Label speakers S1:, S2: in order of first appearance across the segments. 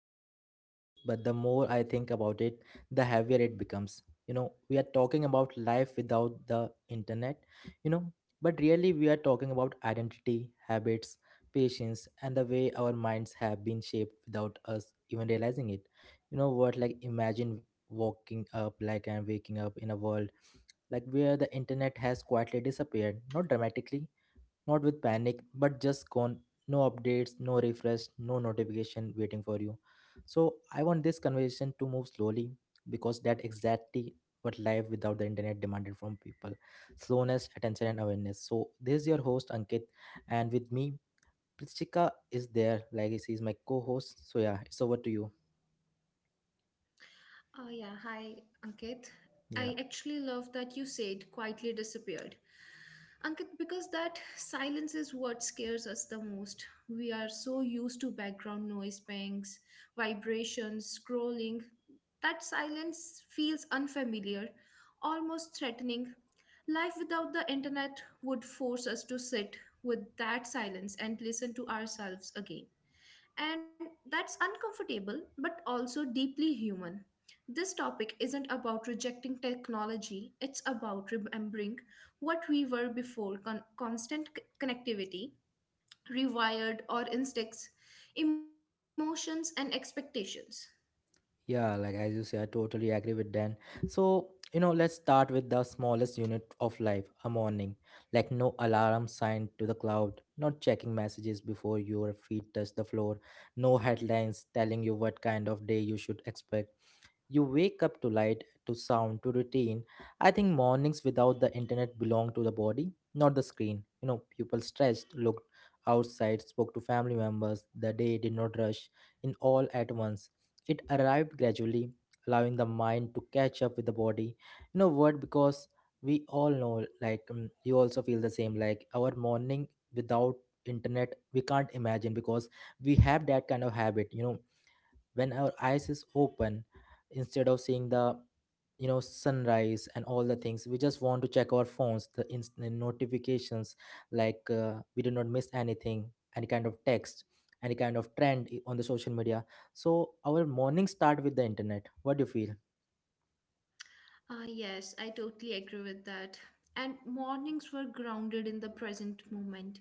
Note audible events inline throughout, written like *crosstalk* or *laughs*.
S1: simple on the surface, but the more I think about it, the heavier it becomes. We are talking about life without the internet, you know, but really we are talking about identity, habits, patience, and the way our minds have been shaped without us even realizing it. You know what, like imagine walking up like and waking up in a world like where the internet has quietly disappeared, not dramatically, not with panic, but just gone. No updates, no refresh, no notification waiting for you. So I want this conversation to move slowly because that exactly what life without the internet demanded from people. Slowness, attention and awareness. So this is your host Ankit, and with me Prichika is there, like she's my co-host. So yeah, it's over to you.
S2: Oh, yeah. Hi, Ankit. I
S1: Yeah.
S2: actually love that you said quietly disappeared. Ankit, because that silence is what scares us the most. We are so used to background noise, bangs, vibrations, scrolling. That silence feels unfamiliar, almost threatening. Life without the internet would force us to sit with that silence and listen to ourselves again. And that's uncomfortable, but also deeply human. This topic isn't about rejecting technology, it's about remembering what we were before constant connectivity, rewired or instincts, emotions, and expectations.
S1: Yeah, like as you say, I totally agree with Dan. So, let's start with the smallest unit of life, a morning. Like no alarm signed to the cloud, not checking messages before your feet touch the floor, no headlines telling you what kind of day you should expect. You wake up to light, to sound, to routine. I think mornings without the internet belong to the body, not the screen. People stretched, looked outside, spoke to family members. The day did not rush in all at once. It arrived gradually, allowing the mind to catch up with the body. You know what? Because we all know, like, you also feel the same. Like, our morning without internet, we can't imagine, because we have that kind of habit, when our eyes is open. Instead of seeing the sunrise and all the things, we just want to check our phones, the instant notifications. Like, we do not miss anything, any kind of text, any kind of trend on the social media. So our morning start with the internet. What do you feel?
S2: Yes, I totally agree with that. And mornings were grounded in the present moment.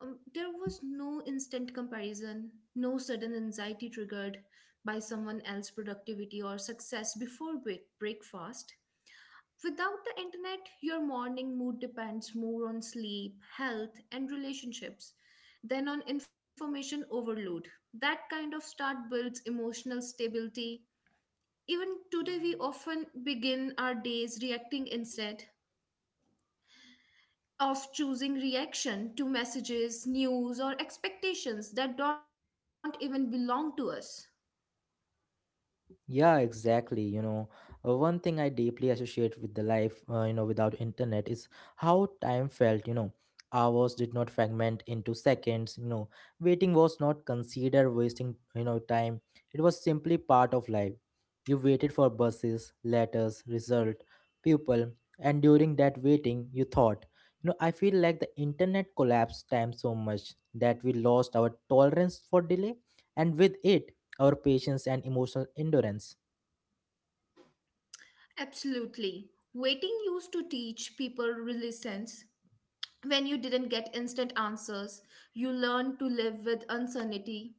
S2: There was no instant comparison, no sudden anxiety triggered by someone else's productivity or success before breakfast. Without the internet, your morning mood depends more on sleep, health, and relationships than on information overload. That kind of start builds emotional stability. Even today, we often begin our days reacting instead of choosing reaction to messages, news, or expectations that don't even belong to us.
S1: Yeah, exactly. One thing I deeply associate with the life, without internet is how time felt. Hours did not fragment into seconds. Waiting was not considered wasting, time. It was simply part of life. You waited for buses, letters, result, people, and during that waiting, you thought. I feel like the internet collapsed time so much that we lost our tolerance for delay, and with it our patience and emotional endurance.
S2: Absolutely. Waiting used to teach people resilience. When you didn't get instant answers, you learned to live with uncertainty.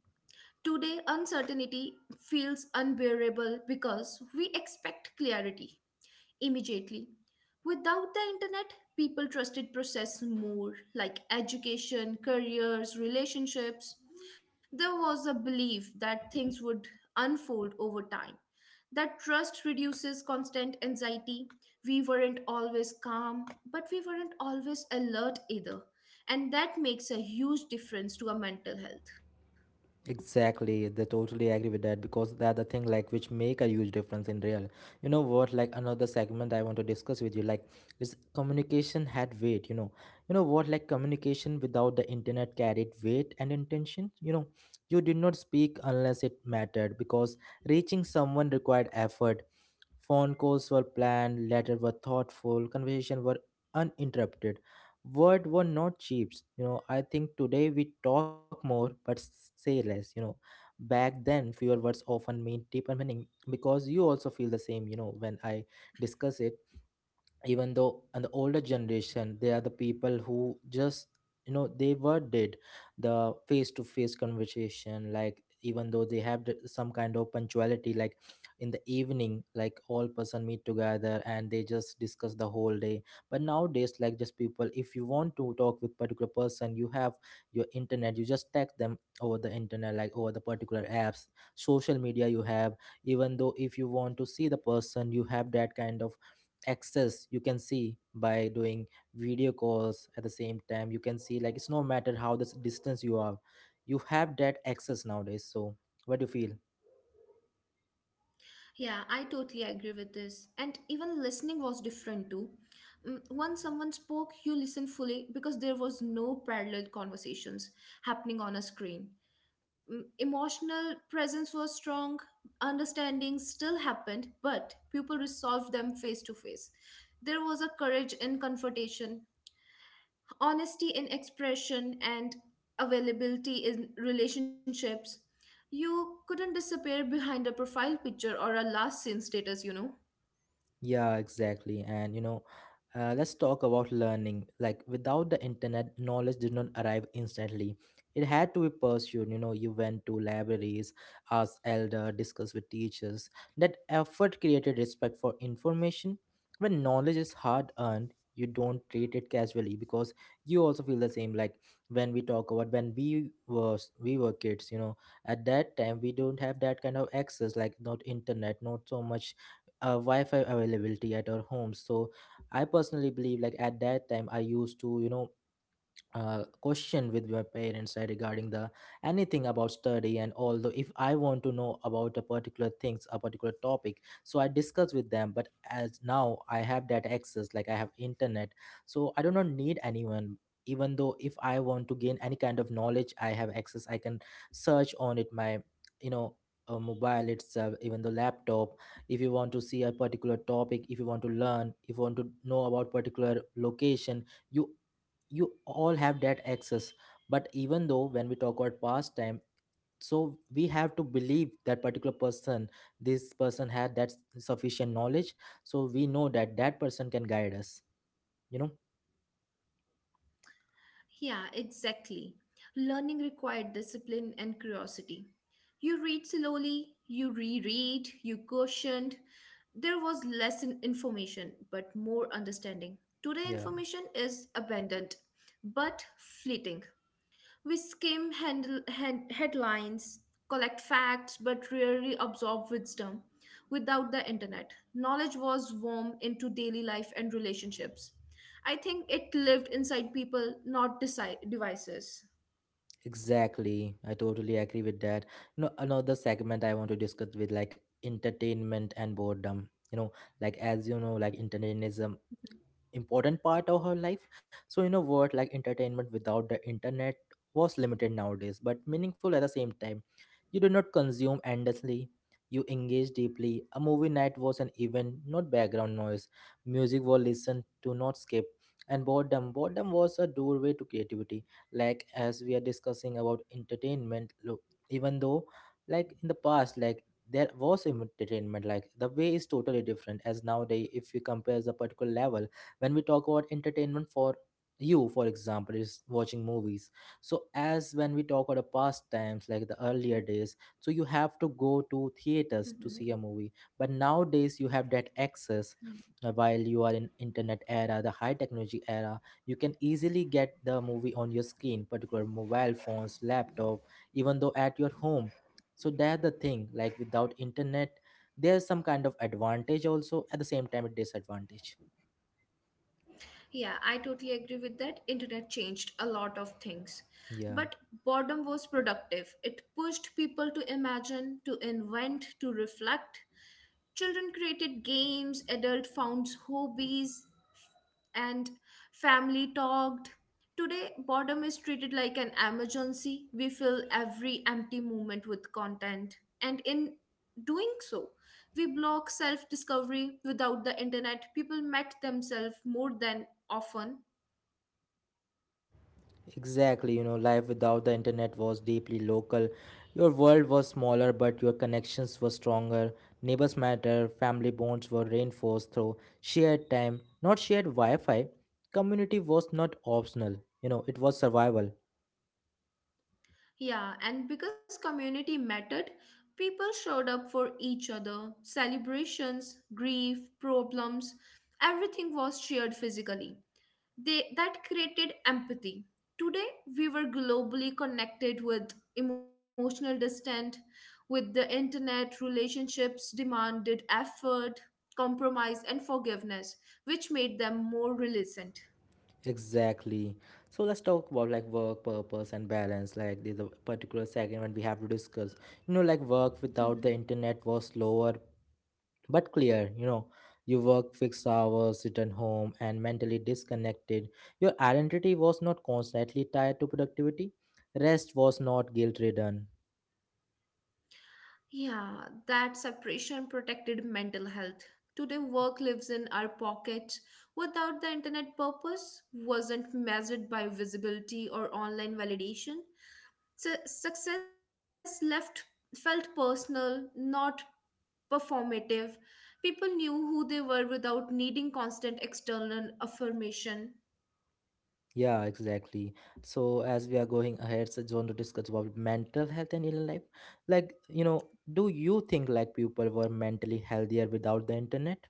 S2: Today, uncertainty feels unbearable because we expect clarity immediately. Without the internet, people trusted process more, like education, careers, relationships. There was a belief that things would unfold over time. That trust reduces constant anxiety. We weren't always calm, but we weren't always alert either. And that makes a huge difference to our mental health.
S1: Exactly, they totally agree with that, because they're the thing like which make a huge difference in real. What like another segment I want to discuss with you, like, is communication had weight. You know what, like communication without the internet carried weight and intention. You did not speak unless it mattered, because reaching someone required effort. Phone calls were planned, letters were thoughtful, conversation were uninterrupted, word were not cheap. I think today we talk more but say less. Back then, fewer words often mean deeper meaning, because you also feel the same, when I discuss it. Even though, and the older generation, they are the people who just, they were did the face to face conversation, like even though they have some kind of punctuality, like in the evening, like all person meet together and they just discuss the whole day. But nowadays, like just people, if you want to talk with particular person, you have your internet, you just text them over the internet, like over the particular apps, social media you have. Even though if you want to see the person, you have that kind of access, you can see by doing video calls. At the same time, you can see, like, it's no matter how this distance you are, you have that access nowadays. So what do you feel?
S2: Yeah, I totally agree with this. And even listening was different too. Once someone spoke, you listened fully because there was no parallel conversations happening on a screen. Emotional presence was strong, understanding still happened, but people resolved them face to face. There was a courage in confrontation, honesty in expression, and availability in relationships. You couldn't disappear behind a profile picture or a last seen status, you know.
S1: Yeah, exactly. And let's talk about learning. Like without the internet, knowledge did not arrive instantly. It had to be pursued. You went to libraries, asked elder, discussed with teachers. That effort created respect for information. When knowledge is hard earned, you don't treat it casually, because you also feel the same. Like when we talk about when we were kids, at that time we don't have that kind of access, like not internet, not so much wi-fi availability at our homes. So I personally believe, like at that time I used to, question with my parents, regarding the anything about study, and although if I want to know about a particular things, a particular topic, so I discuss with them. But as now I have that access, like I have internet, so I do not need anyone. Even though if I want to gain any kind of knowledge, I have access, I can search on it, my you know mobile itself, even the laptop. If you want to see a particular topic, if you want to learn, if you want to know about particular location, you you all have that access. But even though when we talk about pastime, so we have to believe that particular person, this person had that sufficient knowledge, so we know that that person can guide us, you know.
S2: Yeah, exactly. Learning required discipline and curiosity. You read slowly, you reread, you cautioned. There was less information, but more understanding. Today,
S1: Yeah,
S2: information is abundant, but fleeting. We skim headlines, collect facts, but rarely absorb wisdom. Without the internet, knowledge was warm into daily life and relationships. I think it lived inside people, not devices.
S1: exactly, I totally agree with that. No, another segment I want to discuss with, like entertainment and boredom, like as you know, like entertainism important part of her life. So in a word, like entertainment without the internet was limited nowadays but meaningful at the same time. You did not consume endlessly, you engaged deeply. A movie night was an event, not background noise. Music was listened to, not skip. And boredom, boredom was a doorway to creativity. Like as we are discussing about entertainment, look, even though, like in the past, like there was entertainment, like the way is totally different as nowadays if you compare the particular level. When we talk about entertainment for you, for example, is watching movies. So as when we talk about the past times, like the earlier days, so you have to go to
S2: Mhm.
S1: theaters to see a movie. But nowadays you have that access, while you are in internet era, the high technology era, you can easily get the movie on your screen, particular mobile phones, laptop, even though at your home. So that's the thing, like without internet, there's some kind of advantage also, at the same time a disadvantage.
S2: Yeah, I totally agree with that. Internet changed a lot of things.
S1: Yeah.
S2: But boredom was productive. It pushed people to imagine, to invent, to reflect. Children created games, adult found hobbies, and family talked. Today, boredom is treated like an emergency. We fill every empty moment with content. And in doing so, we block self discovery. Without the internet, people met themselves more than often.
S1: Exactly, life without the internet was deeply local. Your world was smaller, but your connections were stronger. Neighbors matter, family bonds were reinforced through shared time, not shared Wi Fi. Community was not optional, it was survival.
S2: Yeah, and because community mattered, people showed up for each other. Celebrations, grief, problems, everything was shared physically. They that created empathy. Today we were globally connected with emotional distance, with the internet, relationships demanded effort, compromise, and forgiveness, which made them more resilient.
S1: Exactly. So let's talk about like work purpose and balance. Like the particular segment we have to discuss, like work without the internet was slower, but clear. You work fixed hours, sit at home and mentally disconnected. Your identity was not constantly tied to productivity. Rest was not guilt ridden.
S2: Yeah, that separation protected mental health. Today, work lives in our pockets. Without the internet, purpose wasn't measured by visibility or online validation. Success left felt personal, not performative. People knew who they were without needing constant external affirmation.
S1: Yeah, exactly. So as we are going ahead, so I just want to discuss about mental health and inner life. Like do you think like people were mentally healthier without the internet?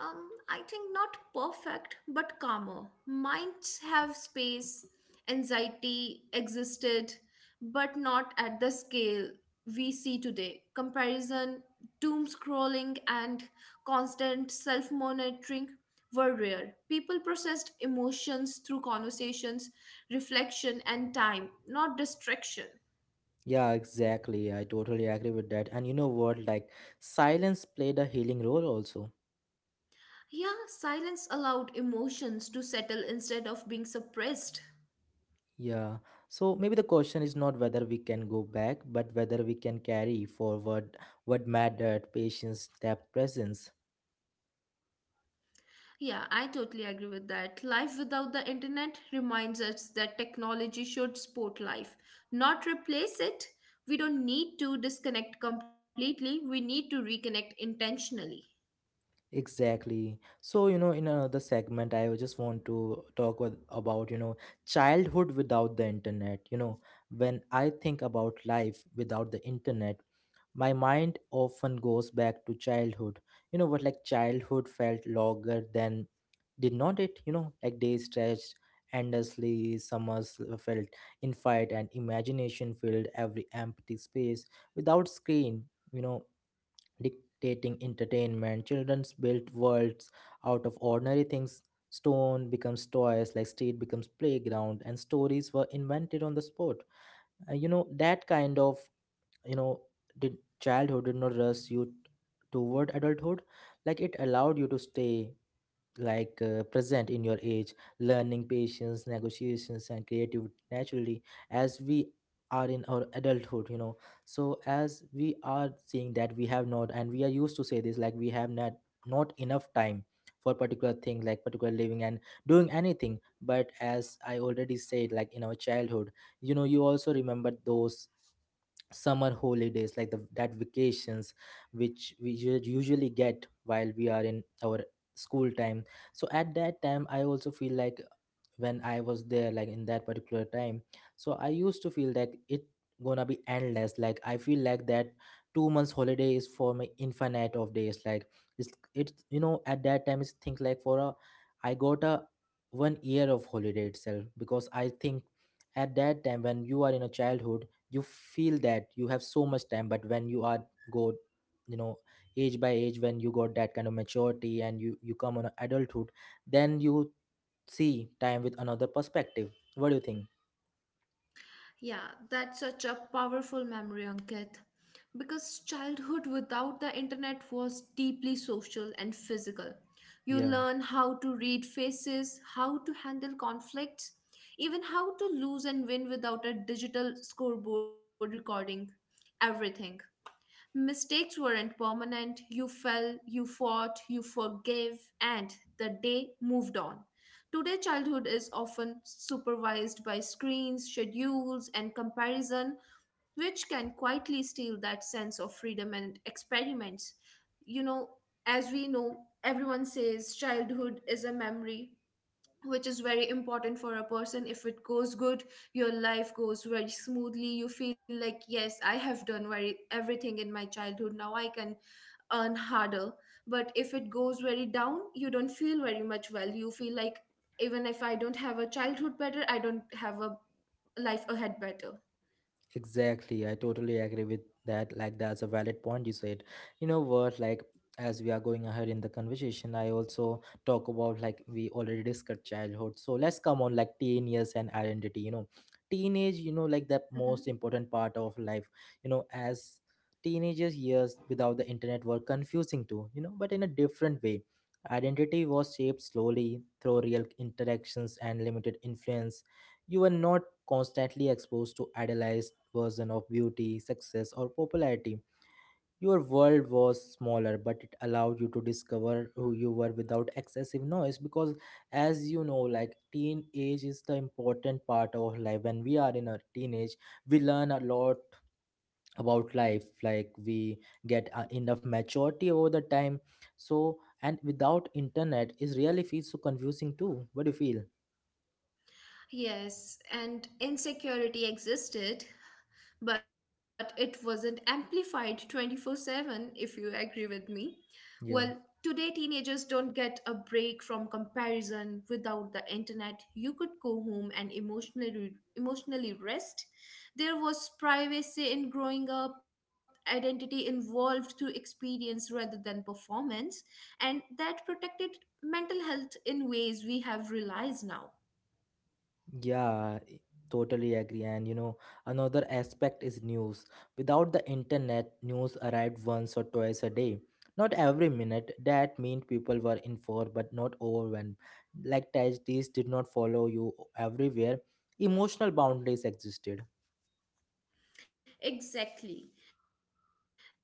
S2: I think not perfect, but calmer. Minds have space, anxiety existed, but not at the scale we see today. Comparison, doom scrolling, and constant self monitoring were rare. People processed emotions through conversations, reflection, and time, not distraction.
S1: Yeah, exactly, I totally agree with that. And you know what, like silence played a healing role also.
S2: Yeah, silence allowed emotions to settle instead of being suppressed.
S1: Yeah, so maybe the question is not whether we can go back, but whether we can carry forward what mattered: patience, depth, presence.
S2: Yeah, I totally agree with that. Life without the internet reminds us that technology should support life, not replace it. We don't need to disconnect completely, we need to reconnect intentionally.
S1: Exactly. So, in another segment, I just want to talk with, about, childhood without the internet. When I think about life without the internet, my mind often goes back to childhood. You know what, like childhood felt longer than did not it? Like days stretched endlessly, summers felt infinite, and imagination filled every empty space without screen. You know, dictating entertainment. Children's built worlds out of ordinary things. Stone becomes toys, like street becomes playground, and stories were invented on the spot. That kind of, you know did childhood did not rush you toward adulthood. Like it allowed you to stay present in your age learning patience negotiations and creativity naturally as we are in our adulthood. You know, so as we are seeing that we have not, and we are used to say this, like we have not enough time for particular thing, like particular living and doing anything. But as I already said, like in our childhood, you know, you also remember those summer holidays, like the that vacations which we usually get while we are in our school time. So at that time I also feel like when I was there, like in that particular time, so I used to feel like it gonna be endless. Like I feel like that 2 months holiday is for my infinite of days. Like it's, you know, at that time it's think like for a, I got a 1 year of holiday itself, because I think at that time when you are in a childhood, you feel that you have so much time. But when you are go, you know, age by age, when you got that kind of maturity and you come on a adulthood, then you see time with another perspective. What do you think?
S2: Yeah, that's such a powerful memory, Ankit. Because childhood without the internet was deeply social and physical. You
S1: Yeah,
S2: learn how to read faces, how to handle conflicts, even how to lose and win without a digital scoreboard recording everything. Mistakes weren't permanent. You fell, you fought, you forgave, and the day moved on. Today, childhood is often supervised by screens, schedules, and comparison, which can quietly steal that sense of freedom and experiments. You know, as we know, everyone says childhood is a memory, which is very important for a person. If it goes good, your life goes very smoothly. You feel like, yes, I have done very everything in my childhood, now I can earn harder. But if it goes very down, you don't feel very much well. You feel like, even if I don't have a childhood better, I don't have a life ahead better.
S1: exactly, I totally agree with that. Like, that's a valid point you said. You know what? Like, as we are going ahead in the conversation, I also talk about like we already discussed childhood. So let's come on like teen years and identity. You know, teenage. You know, like that most
S2: Mhm.
S1: important part of life. You know, as teenagers years without the internet were confusing too. You know, but in a different way. Identity was shaped slowly through real interactions and limited influence. You were not constantly exposed to idealized version of beauty, success, or popularity. Your world was smaller, but it allowed you to discover who you were without excessive noise. Because, as you know, like teenage is the important part of our life. When we are in our teenage, we learn a lot about life. Like we get enough maturity over the time. So, and without internet, is really feels so confusing too. What do you feel?
S2: Yes, and insecurity existed but it wasn't amplified 24/7, if you agree with me.
S1: Yeah.
S2: Well, today teenagers don't get a break from comparison. Without the internet, you could go home and emotionally rest. There was privacy in growing up, identity involved through experience rather than performance, and that protected mental health in ways we have realized now.
S1: Yeah, I totally agree. And you know, another aspect is news. Without the internet, news arrived once or twice a day. Not every minute. That meant people were informed but not overwhelmed. Like tragedies did not follow you everywhere. Emotional boundaries existed.
S2: Exactly.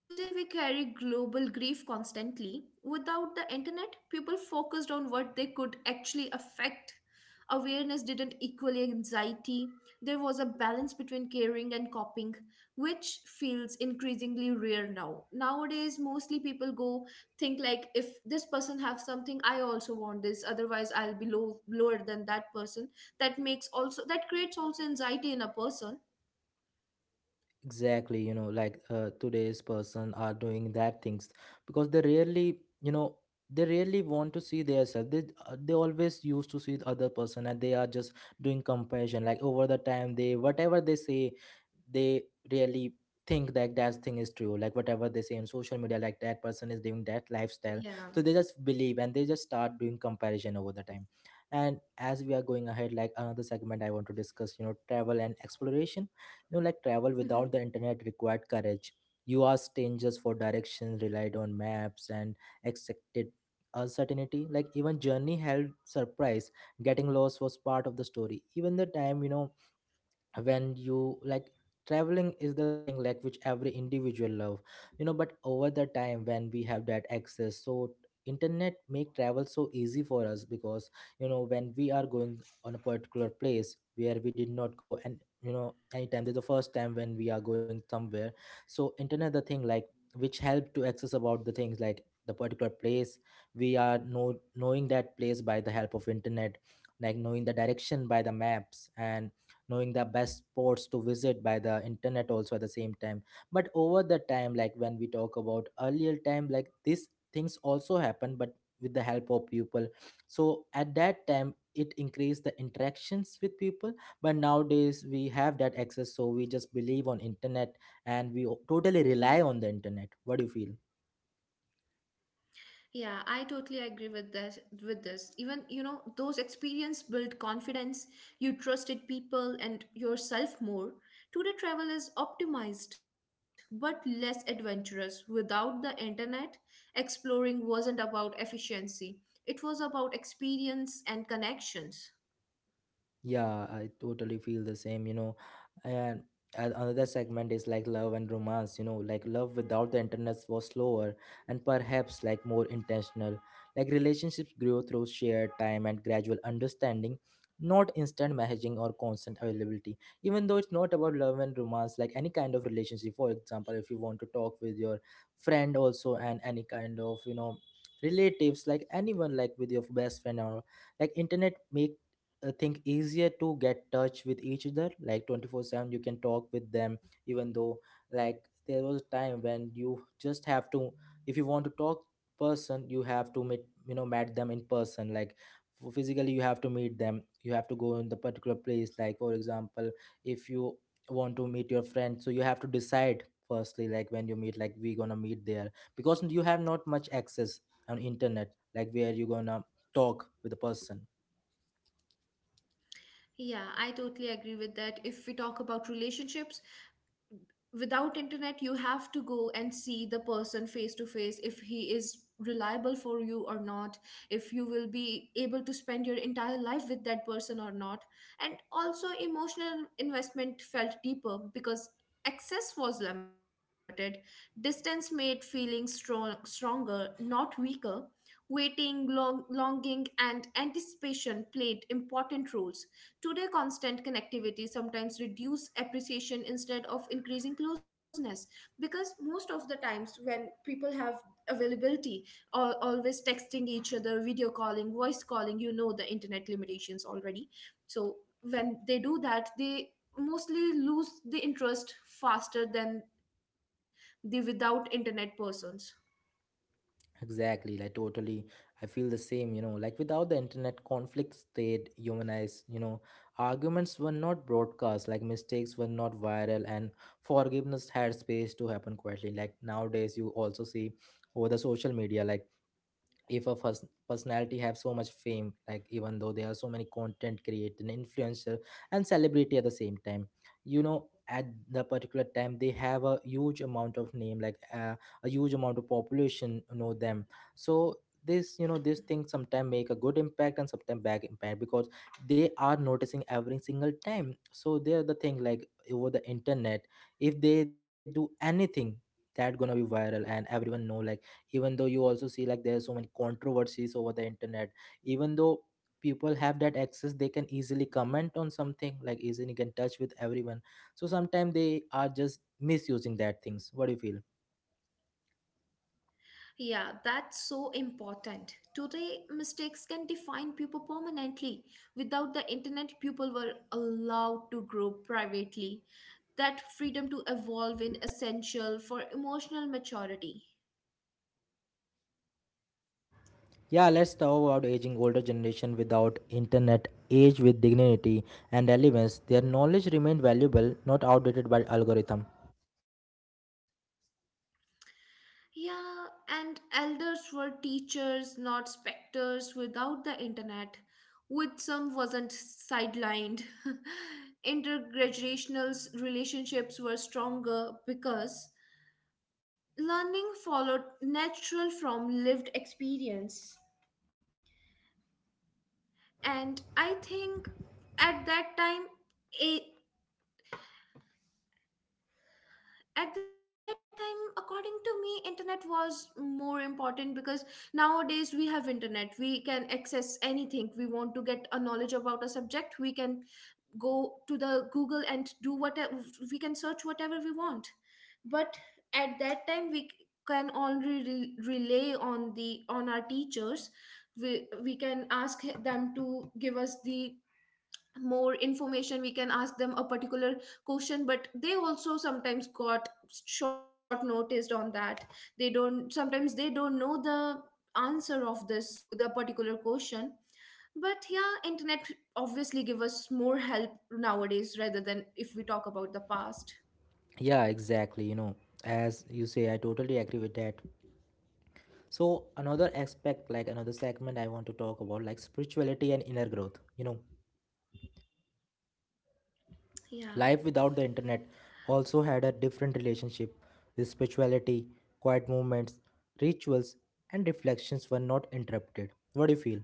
S2: Today we carry global grief constantly. Without the internet, people focused on what they could actually affect. Awareness didn't equal anxiety. There was a balance between caring and coping, which feels increasingly rare now. Nowadays, mostly people go think like, if this person have something, I also want this. Otherwise, I'll be lower than that person. That makes also, that creates also anxiety in a person.
S1: Exactly, you know, like today's person are doing that things because they rarely, you know, they rarely want to see themselves. They they always used to see the other person and they are just doing comparison. Like over the time, they whatever they say, they really think that that thing is true, like whatever they say on social media, like that person is doing that lifestyle. So
S2: Yeah.
S1: they just believe and they just start doing comparison over the time. And as we are going ahead, like another segment I want to discuss, you know, travel and exploration. You know, like travel without the internet required courage. You asked strangers for directions, relied on maps, and accepted uncertainty. Like even journey held surprise. Getting lost was part of the story. Even the time, you know, when you, like, traveling is the thing like which every individual love. You know, but over the time, when we have that access, so internet make travel so easy for us, because you know, when we are going on a particular place where we did not go, and you know, anytime this is the first time when we are going somewhere, so internet the thing like which help to access about the things like the particular place. We are knowing that place by the help of internet, like knowing the direction by the maps, and knowing the best sports to visit by the internet also at the same time. But over the time, like when we talk about earlier time, like these things also happen but with the help of people. So at that time it increased the interactions with people. But nowadays we have that access, so we just believe on internet, and we totally rely on the internet. What do you feel?
S2: Yeah, I totally agree with this. Even, you know, those experience build confidence, you trusted people and yourself more. Today travel is optimized but less adventurous. Without the internet, exploring wasn't about efficiency. It was about experience and connections.
S1: Yeah, I totally feel the same, you know. And and another segment is like love and romance, you know, like love without the internet was slower and perhaps like more intentional. Like relationships grow through shared time and gradual understanding, not instant messaging or constant availability. Even though it's not about love and romance, like any kind of relationship, for example, if you want to talk with your friend also, and any kind of, you know, relatives, like anyone like with your best friend, or like internet make, I think, easier to get touch with each other like 24/7 you can talk with them. Even though, like, there was a time when you just have to, if you want to talk person, you have to meet, you know, met them in person, like physically you have to meet them. You have to go in the particular place. Like for example, if you want to meet your friend, so you have to decide firstly, like when you meet, like we gonna meet there, because you have not much access on internet, like where you gonna talk with the person.
S2: Yeah, I totally agree with that. If we talk about relationships, without internet you have to go and see the person face to face, if he is reliable for you or not, if you will be able to spend your entire life with that person or not. And also emotional investment felt deeper because access was limited. Distance made feelings stronger, not weaker. Waiting, longing, and anticipation played important roles. Today, constant connectivity sometimes reduce appreciation instead of increasing closeness, because most of the times when people have availability, or always texting each other, video calling, voice calling, you know, the internet limitations already. So when they do that, they mostly lose the interest faster than the without internet persons.
S1: Exactly, like totally. I feel the same, you know. Like without the internet, conflicts stayed humanized, you know. Arguments were not broadcast, like mistakes were not viral, and forgiveness had space to happen quietly. Like nowadays, you also see over the social media, like if a first personality have so much fame, like even though there are so many content creator and influencer and celebrity at the same time, you know, at the particular time they have a huge amount of name, like a huge amount of population know them. So this, you know, this thing sometimes make a good impact and sometimes bad impact, because they are noticing every single time. So they're the thing like over the internet, if they do anything, that gonna be viral and everyone know. Like even though you also see, like there are so many controversies over the internet. Even though people have that access, they can easily comment on something, like easily get in touch with everyone. So sometimes they are just misusing that things. What do you feel?
S2: Yeah, that's so important. Today, mistakes can define people permanently. Without the internet, people were allowed to grow privately. That freedom to evolve is essential for emotional maturity.
S1: Yeah, let's talk about aging. Older generation without internet age with dignity and relevance. Their knowledge remained valuable, not outdated by algorithm.
S2: Yeah, and elders were teachers, not specters. Without the internet, with some wasn't sidelined. *laughs* Intergenerational relationships were stronger because learning followed natural from lived experience. And I think at that time, it, at that time according to me internet was more important, because nowadays we have internet, we can access anything we want. To get a knowledge about a subject, we can go to the Google and do whatever, we can search whatever we want. But at that time can only rely on the on our teachers. We can ask them to give us the more information, we can ask them a particular question, but they also sometimes got short noticed on that. They don't sometimes they don't know the answer of this the particular question. But yeah, internet obviously give us more help nowadays rather than if we talk about the past.
S1: Yeah, exactly, you know, as you say, I totally agree with that. So another aspect, like another segment I want to talk about, like spirituality and inner growth, you know, life
S2: Yeah.
S1: without the internet also had a different relationship with spirituality. Quiet movements, rituals, and reflections were not interrupted. What do you feel?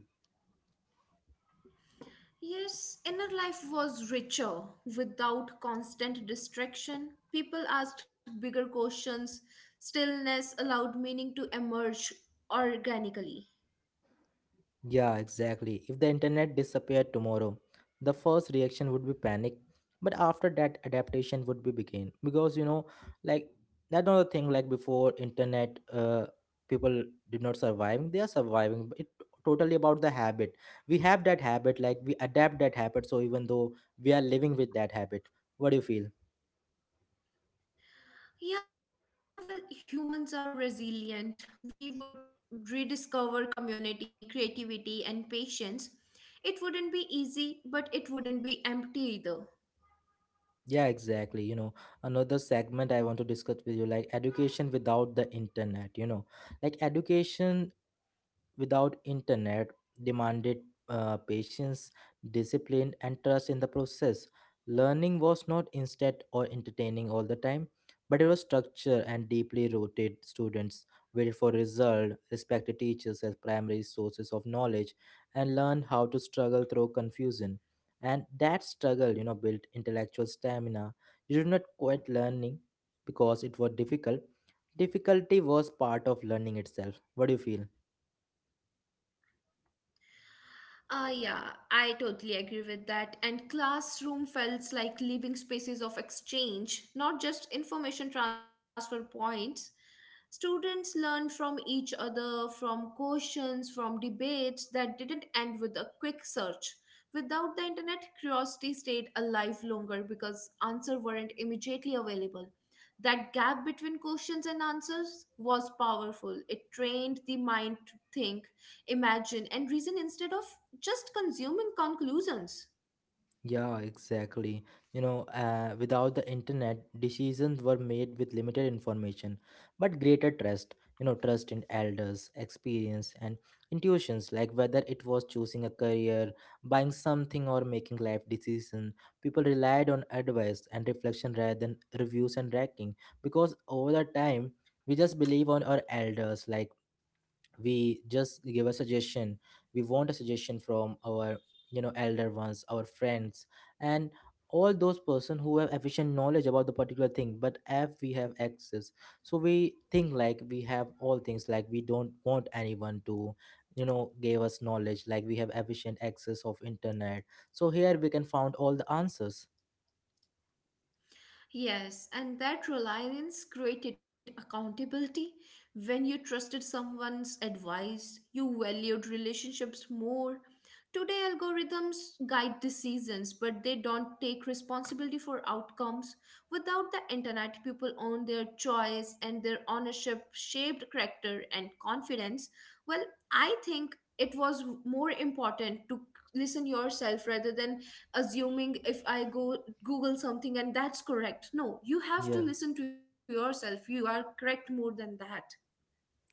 S2: Yes, inner life was richer. Without constant distraction, people asked bigger questions. Stillness allowed meaning to emerge organically.
S1: Yeah, exactly. If the internet disappeared tomorrow, the first reaction would be panic. But after that, adaptation would be begin, because you know, like that's not the thing. Like before internet, people did not survive. They are surviving. But it totally about the habit. We have that habit. Like we adapt that habit. So even though we are living with that habit, what do you feel?
S2: Yeah, well, humans are resilient. We would rediscover community, creativity, and patience. It wouldn't be easy, but it wouldn't be empty either.
S1: Yeah, exactly. You know, another segment I want to discuss with you, like education without the internet, you know, like education without internet demanded patience, discipline, and trust in the process. Learning was not instant or entertaining all the time, but it was structured and deeply rooted. Students waited for result, respected teachers as primary sources of knowledge, and learned how to struggle through confusion. And that struggle, you know, built intellectual stamina. You did not quit learning because it was difficult. Difficulty was part of learning itself. What do you feel?
S2: Yeah, I totally agree with that. And classroom felt like living spaces of exchange, not just information transfer points. Students learned from each other, from questions, from debates that didn't end with a quick search. Without the internet, curiosity stayed alive longer because answers weren't immediately available. That gap between questions and answers was powerful. It trained the mind to think, imagine, and reason instead of just consuming conclusions.
S1: Yeah, exactly. You know, without the internet, decisions were made with limited information, but greater trust. You know, trust in elders, experience, and intuitions, like whether it was choosing a career, buying something, or making life decisions, people relied on advice and reflection rather than reviews and ranking, because over the time, we just believe on our elders, like we just give a suggestion, we want a suggestion from our, you know, elder ones, our friends, and all those person who have efficient knowledge about the particular thing. But if we have access, so we think like we have all things, like we don't want anyone to, you know, give us knowledge, like we have efficient access of internet, so here we can found all the answers.
S2: Yes, and that reliance created accountability. When you trusted someone's advice, you valued relationships more. Today, algorithms guide decisions, but they don't take responsibility for outcomes. Without the internet, people own their choice and their ownership shaped character and confidence. Well, I think it was more important to listen yourself rather than assuming if I go Google something and that's correct. No, you have to
S1: Yeah,
S2: listen to yourself, you are correct more than that.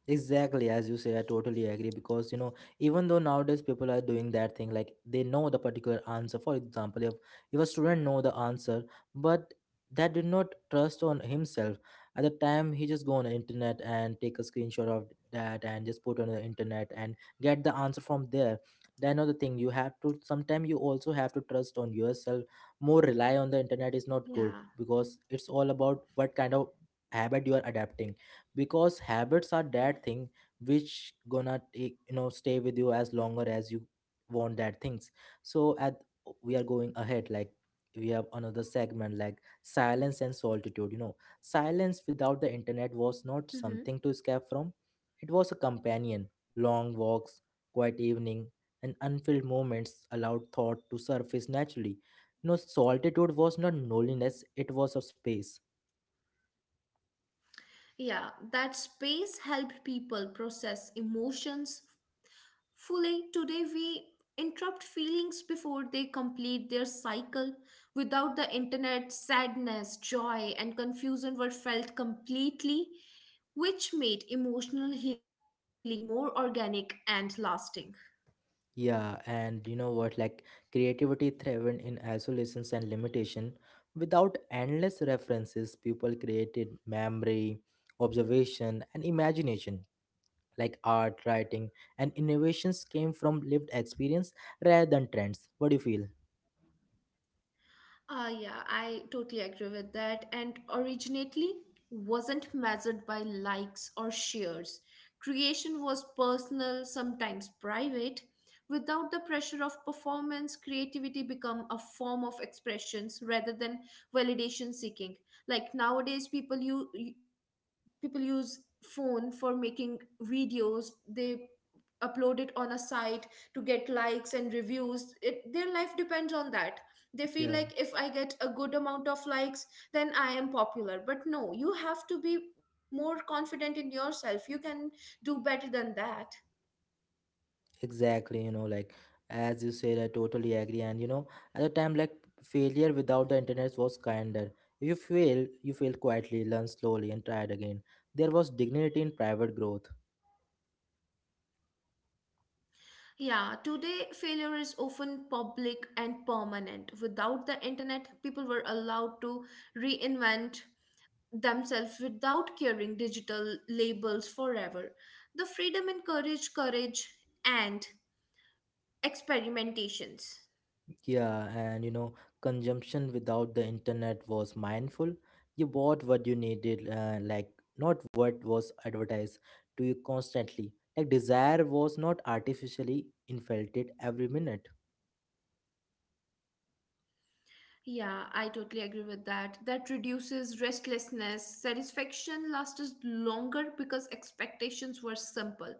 S1: exactly, as you say, I totally agree. Because you know, even though nowadays people are doing that thing, like they know the particular answer. For example, if a student know the answer, but that did not trust on himself at the time, he just go on the internet and take a screenshot of that and just put on the internet and get the answer from there. Then another thing, you have to, sometimes you also have to trust on yourself. More rely on the internet is not good,
S2: Yeah.
S1: because it's all about what kind of habit you are adapting, because habits are that thing which gonna take, you know, stay with you as longer as you want that things. So at we are going ahead, like we have another segment like silence and solitude, you know, silence without the internet was
S2: Hmm.
S1: not something to escape from. It was a companion. Long walks, quiet evening, and unfilled moments allowed thought to surface naturally. You know, solitude was not loneliness, it was a space.
S2: Yeah, that space helped people process emotions fully. Today we interrupt feelings before they complete their cycle. Without the internet, sadness, joy, and confusion were felt completely, which made emotional healing more organic and lasting.
S1: Yeah, and you know what? Like creativity thrived in isolations and limitation. Without endless references, people created memory, observation, and imagination. Like art, writing, and innovations came from lived experience rather than trends. What do you feel?
S2: Yeah, I totally agree with that. And originally wasn't measured by likes or shares. Creation was personal, sometimes private. Without the pressure of performance, creativity become a form of expressions rather than validation seeking. Like nowadays, people use phone for making videos. They upload it on a site to get likes and reviews it, their life depends on that. They
S1: Yeah,
S2: feel like if I get a good amount of likes then I am popular, but no, you have to be more confident in yourself. You can do better than that.
S1: exactly. You know, like as you said, I totally agree. And you know, at the time, like failure without the internet was kinder. If you fail, you fail quietly, learn slowly, and try it again. There was dignity in private growth.
S2: Yeah, today failure is often public and permanent. Without the internet, people were allowed to reinvent themselves without carrying digital labels forever. The freedom encouraged courage and experimentations.
S1: Yeah, and you know, consumption without the internet was mindful. You bought what you needed, like not what was advertised to you constantly. Like desire was not artificially infelted every minute.
S2: Yeah, I totally agree with that. That reduces restlessness. Satisfaction lasted longer because expectations were simple.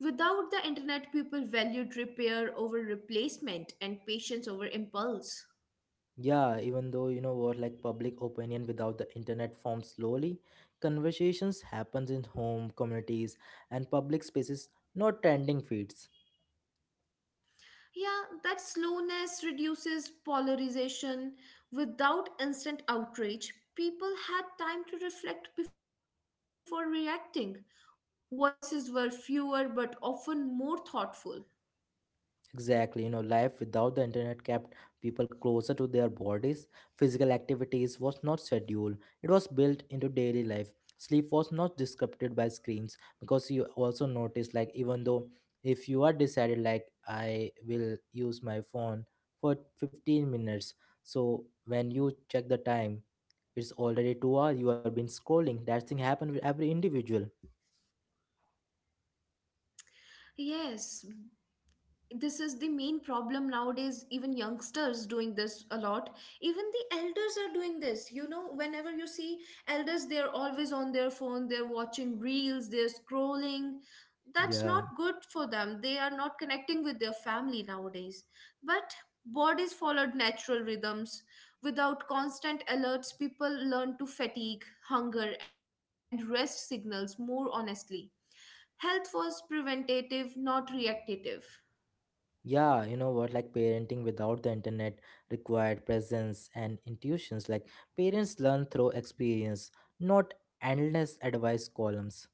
S2: Without the internet, people valued repair over replacement and patience over impulse.
S1: Yeah, even though you know what, like public opinion without the internet forms slowly. Conversations happens in home communities and public spaces, not trending feeds.
S2: Yeah, that slowness reduces polarization. Without instant outrage, people had time to reflect before reacting. Voices were fewer but often more thoughtful.
S1: Exactly, you know, life without the internet kept people closer to their bodies. Physical activities was not scheduled, it was built into daily life. Sleep was not disrupted by screens because you also notice, like, even though if you are decided, like, I will use my phone for 15 minutes, so when you check the time, it's already 2 hours, you have been scrolling. That thing happened with every individual.
S2: Yes, this is the main problem nowadays. Even youngsters doing this a lot, even the elders are doing this. You know, whenever you see elders, they are always on their phone, they're watching reels, they're scrolling.
S1: Yeah.
S2: That's not good for them. They are not connecting with their family nowadays, but bodies followed natural rhythms. Without constant alerts, people learn to fatigue, hunger and rest signals more honestly. Health was preventative, not reactive.
S1: Yeah, you know what? Like parenting without the internet required presence and intuitions. Like parents learn through experience, not endless advice columns.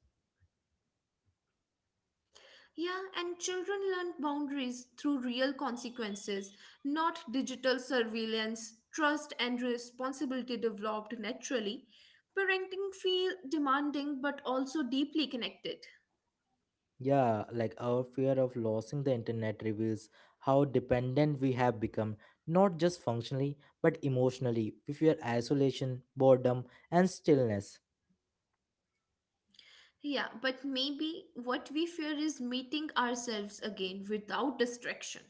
S2: Yeah, and children learn boundaries through real consequences, not digital surveillance. Trust and responsibility developed naturally. Parenting feel demanding but also deeply connected.
S1: Yeah, like our fear of losing the internet reveals how dependent we have become, not just functionally, but emotionally. We fear isolation, boredom, and stillness.
S2: Yeah, but maybe what we fear is meeting ourselves again without distraction.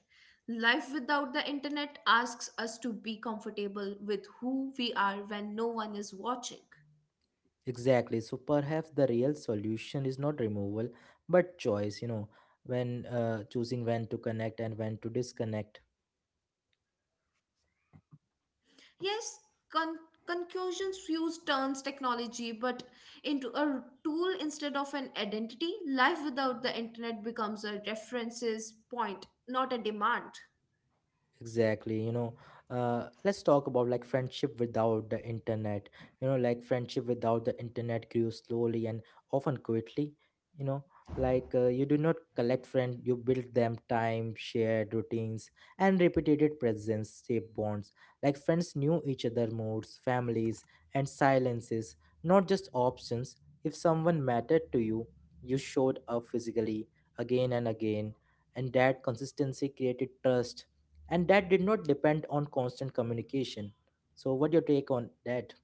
S2: Life without the internet asks us to be comfortable with who we are when no one is watching.
S1: Exactly. So perhaps the real solution is not removal, but choice, you know, when choosing when to connect and when to disconnect.
S2: Yes, con- Conclusions use turns technology but into a tool instead of an identity. Life without the internet becomes a references point, not a demand.
S1: Exactly, you know, let's talk about like friendship without the internet. You know, like friendship without the internet grew slowly and often quickly. You know, like you do not collect friends, you build them time, shared routines, and repeated presence shape bonds. Like friends knew each other moods, families, and silences, not just options. If someone mattered to you, you showed up physically again and again, and that consistency created trust, and that did not depend on constant communication. So what your take on that?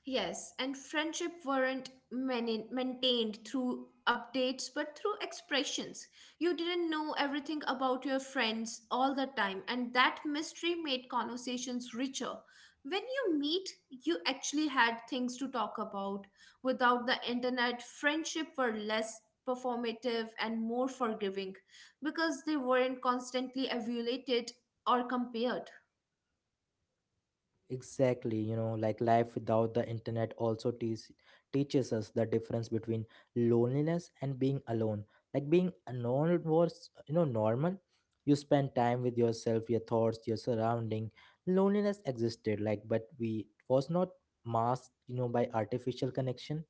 S2: Yes, and friendship weren't mani- maintained through updates but through expressions. You didn't know everything about your friends all the time, and that mystery made conversations richer. When you meet, you actually had things to talk about. Without the internet, friendship were less performative and more forgiving because they weren't constantly evaluated or compared.
S1: Exactly, you know, like life without the internet also teaches us the difference between loneliness and being alone. Like being alone was, you know, normal. You spend time with yourself, your thoughts, your surrounding. Loneliness existed, like, but we was not masked, you know, by artificial connection.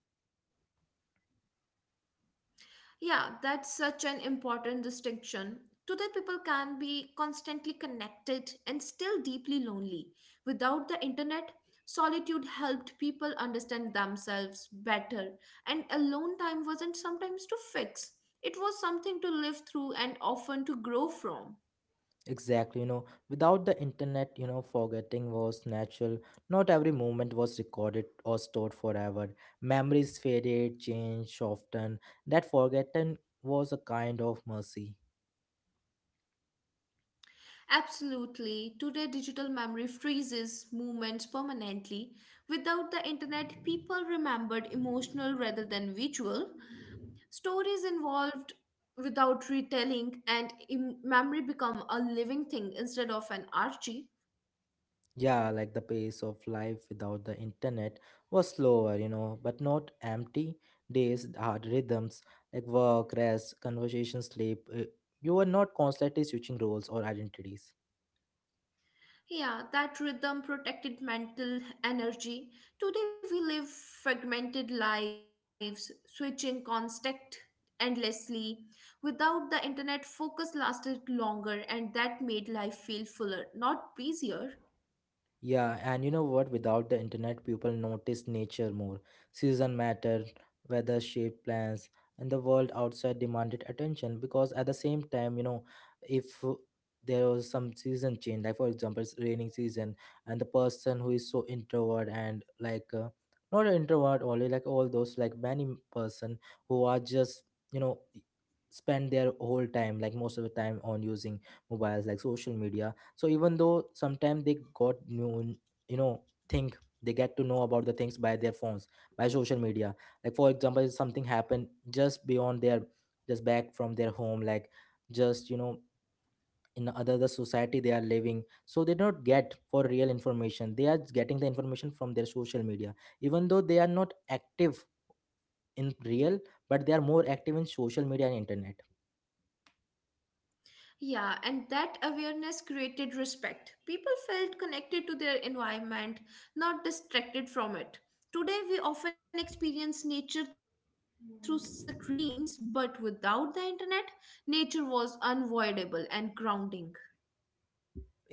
S2: Yeah, that's such an important distinction. Today, people can be constantly connected and still deeply lonely. Without the internet, solitude helped people understand themselves better, and alone time wasn't sometimes to fix. It was something to live through and often to grow from.
S1: Exactly, you know, without the internet, you know, forgetting was natural. Not every moment was recorded or stored forever. Memories faded, changed, often. That forgotten was a kind of mercy.
S2: Absolutely. Today, digital memory freezes movements permanently. Without the internet, people remembered emotional rather than visual. Stories involved without retelling and memory become a living thing instead of an archie.
S1: Yeah, like the pace of life without the internet was slower, you know, but not empty. Days had rhythms like work, rest, conversation, sleep. You were not constantly switching roles or identities.
S2: Yeah, that rhythm protected mental energy. Today we live fragmented lives, switching contact endlessly. Without the internet, focus lasted longer and that made life feel fuller, not busier.
S1: Yeah, and you know what? Without the internet, people notice nature more. Season matter, weather shaped plans, and the world outside demanded attention because at the same time, you know, if there was some season change, like for example, it's raining season, and the person who is so introvert and like not an introvert only, like all those like many person who are just, you know, spend their whole time, like most of the time, on using mobiles like social media, so even though sometimes they got new, you know, think, they get to know about the things by their phones, by social media. Like for example, if something happened just beyond their, just back from their home, like just, you know, in other the society they are living, so they don't get for real information, they are getting the information from their social media. Even though they are not active in real, but they are more active in social media and internet.
S2: Yeah, and that awareness created respect. People felt connected to their environment, not distracted from it. Today, we often experience nature through screens, but without the internet, nature was unavoidable and grounding.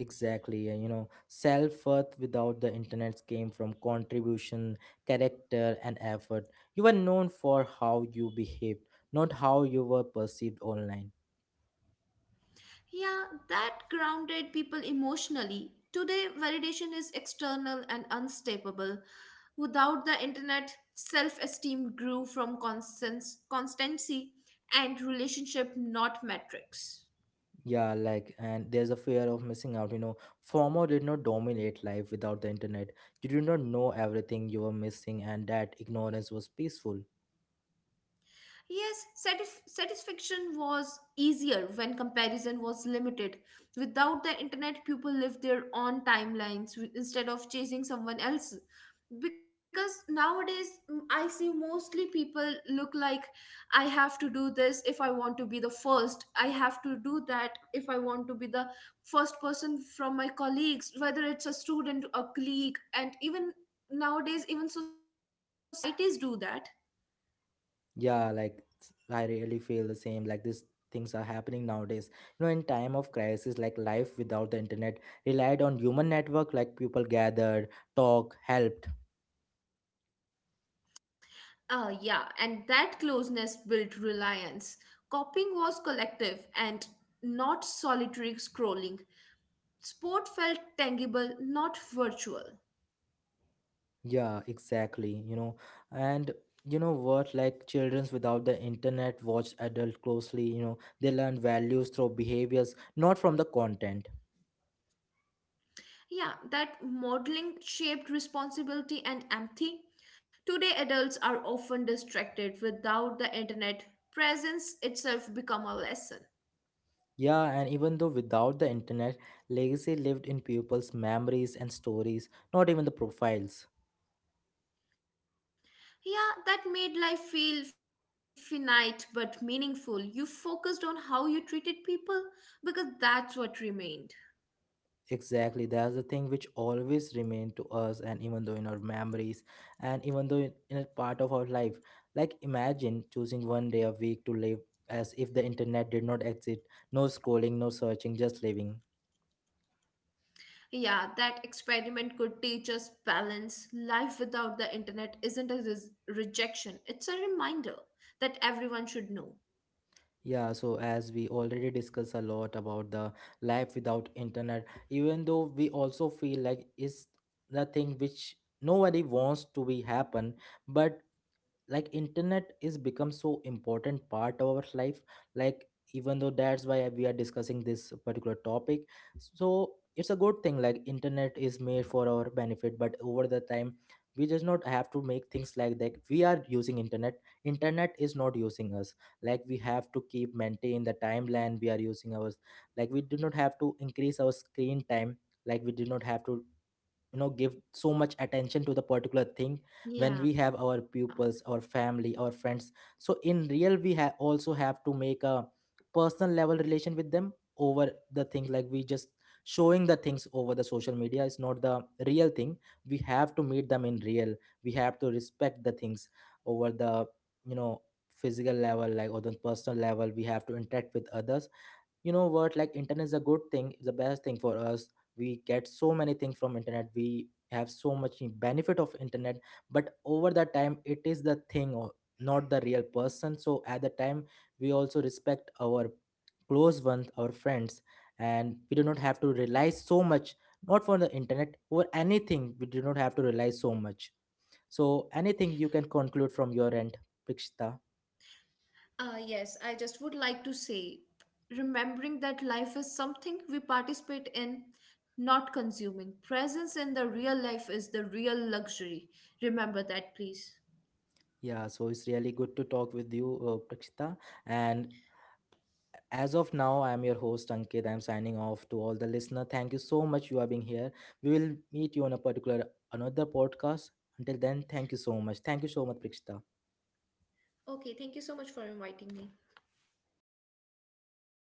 S1: Exactly, and you know, self worth without the internet came from contribution, character, and effort. You were known for how you behaved, not how you were perceived online.
S2: Yeah, that grounded people emotionally. Today, validation is external and unstable. Without the internet, self esteem grew from constancy and relationship, not metrics.
S1: Yeah, like, and there's a fear of missing out. You know, FOMO did not dominate life without the internet. You did not know everything you were missing, and that ignorance was peaceful.
S2: Yes, satisfaction was easier when comparison was limited. Without the internet, people lived their own timelines instead of chasing someone else. Because nowadays, I see mostly people look like I have to do this if I want to be the first. I have to do that if I want to be the first person from my colleagues, whether it's a student, a colleague, and even nowadays, even societies do that.
S1: Yeah, like I really feel the same. Like these things are happening nowadays. You know, in time of crisis, like life without the internet relied on human network. Like people gathered, talk, helped.
S2: Yeah, and that closeness built reliance. Copying was collective and not solitary scrolling. Sport felt tangible, not virtual.
S1: Yeah, exactly. You know, and you know what? Like childrens without the internet watch adult closely. You know, they learn values through behaviors, not from the content.
S2: Yeah, that modeling shaped responsibility and empathy. Today, adults are often distracted without the internet. Presence itself become a lesson.
S1: Yeah, and even though without the internet, legacy lived in people's memories and stories, not even the profiles.
S2: Yeah, that made life feel finite but meaningful. You focused on how you treated people because that's what remained.
S1: Exactly, that's the thing which always remain to us, and even though in our memories, and even though in a part of our life, like imagine choosing one day a week to live as if the internet did not exist, no scrolling, no searching, just living.
S2: Yeah, that experiment could teach us balance. Life without the internet isn't a rejection, it's a reminder that everyone should know.
S1: Yeah, so as we already discussed a lot about the life without internet, even though we also feel like is the thing which nobody wants to be happen, but like internet is become so important part of our life, like even though that's why we are discussing this particular topic. So it's a good thing, like internet is made for our benefit, but over the time we just not have to make things like that we are using internet, internet is not using us. Like we have to keep maintain the timeline we are using ours. Like we do not have to increase our screen time. Like we do not have to, you know, give so much attention to the particular thing when we
S2: Yeah.
S1: have our pupils, our family, our friends. So in real we have also have to make a personal level relation with them over the thing. Like we just showing the things over the social media is not the real thing. We have to meet them in real, we have to respect the things over the, you know, physical level, like or the personal level, we have to interact with others. You know what, like internet is a good thing, it's the best thing for us. We get so many things from internet, we have so much benefit of internet, but over the time it is the thing, or not the real person. So at the time we also respect our close ones, our friends, and we do not have to rely so much, not for the internet or anything. We do not have to rely so much. So anything you can conclude from your end, Prakshita?
S2: Yes, I just would like to say remembering that life is something we participate in, not consuming. Presence in the real life is the real luxury. Remember that, please.
S1: Yeah, so it's really good to talk with you, Prakshita. And as of now, I am your host Ankit. I'm signing off to all the listener. Thank you so much you are being here. We will meet you on a particular another podcast. Until then, thank you so much. Thank you so much, Prakshita.
S2: Okay, thank you so much for inviting me.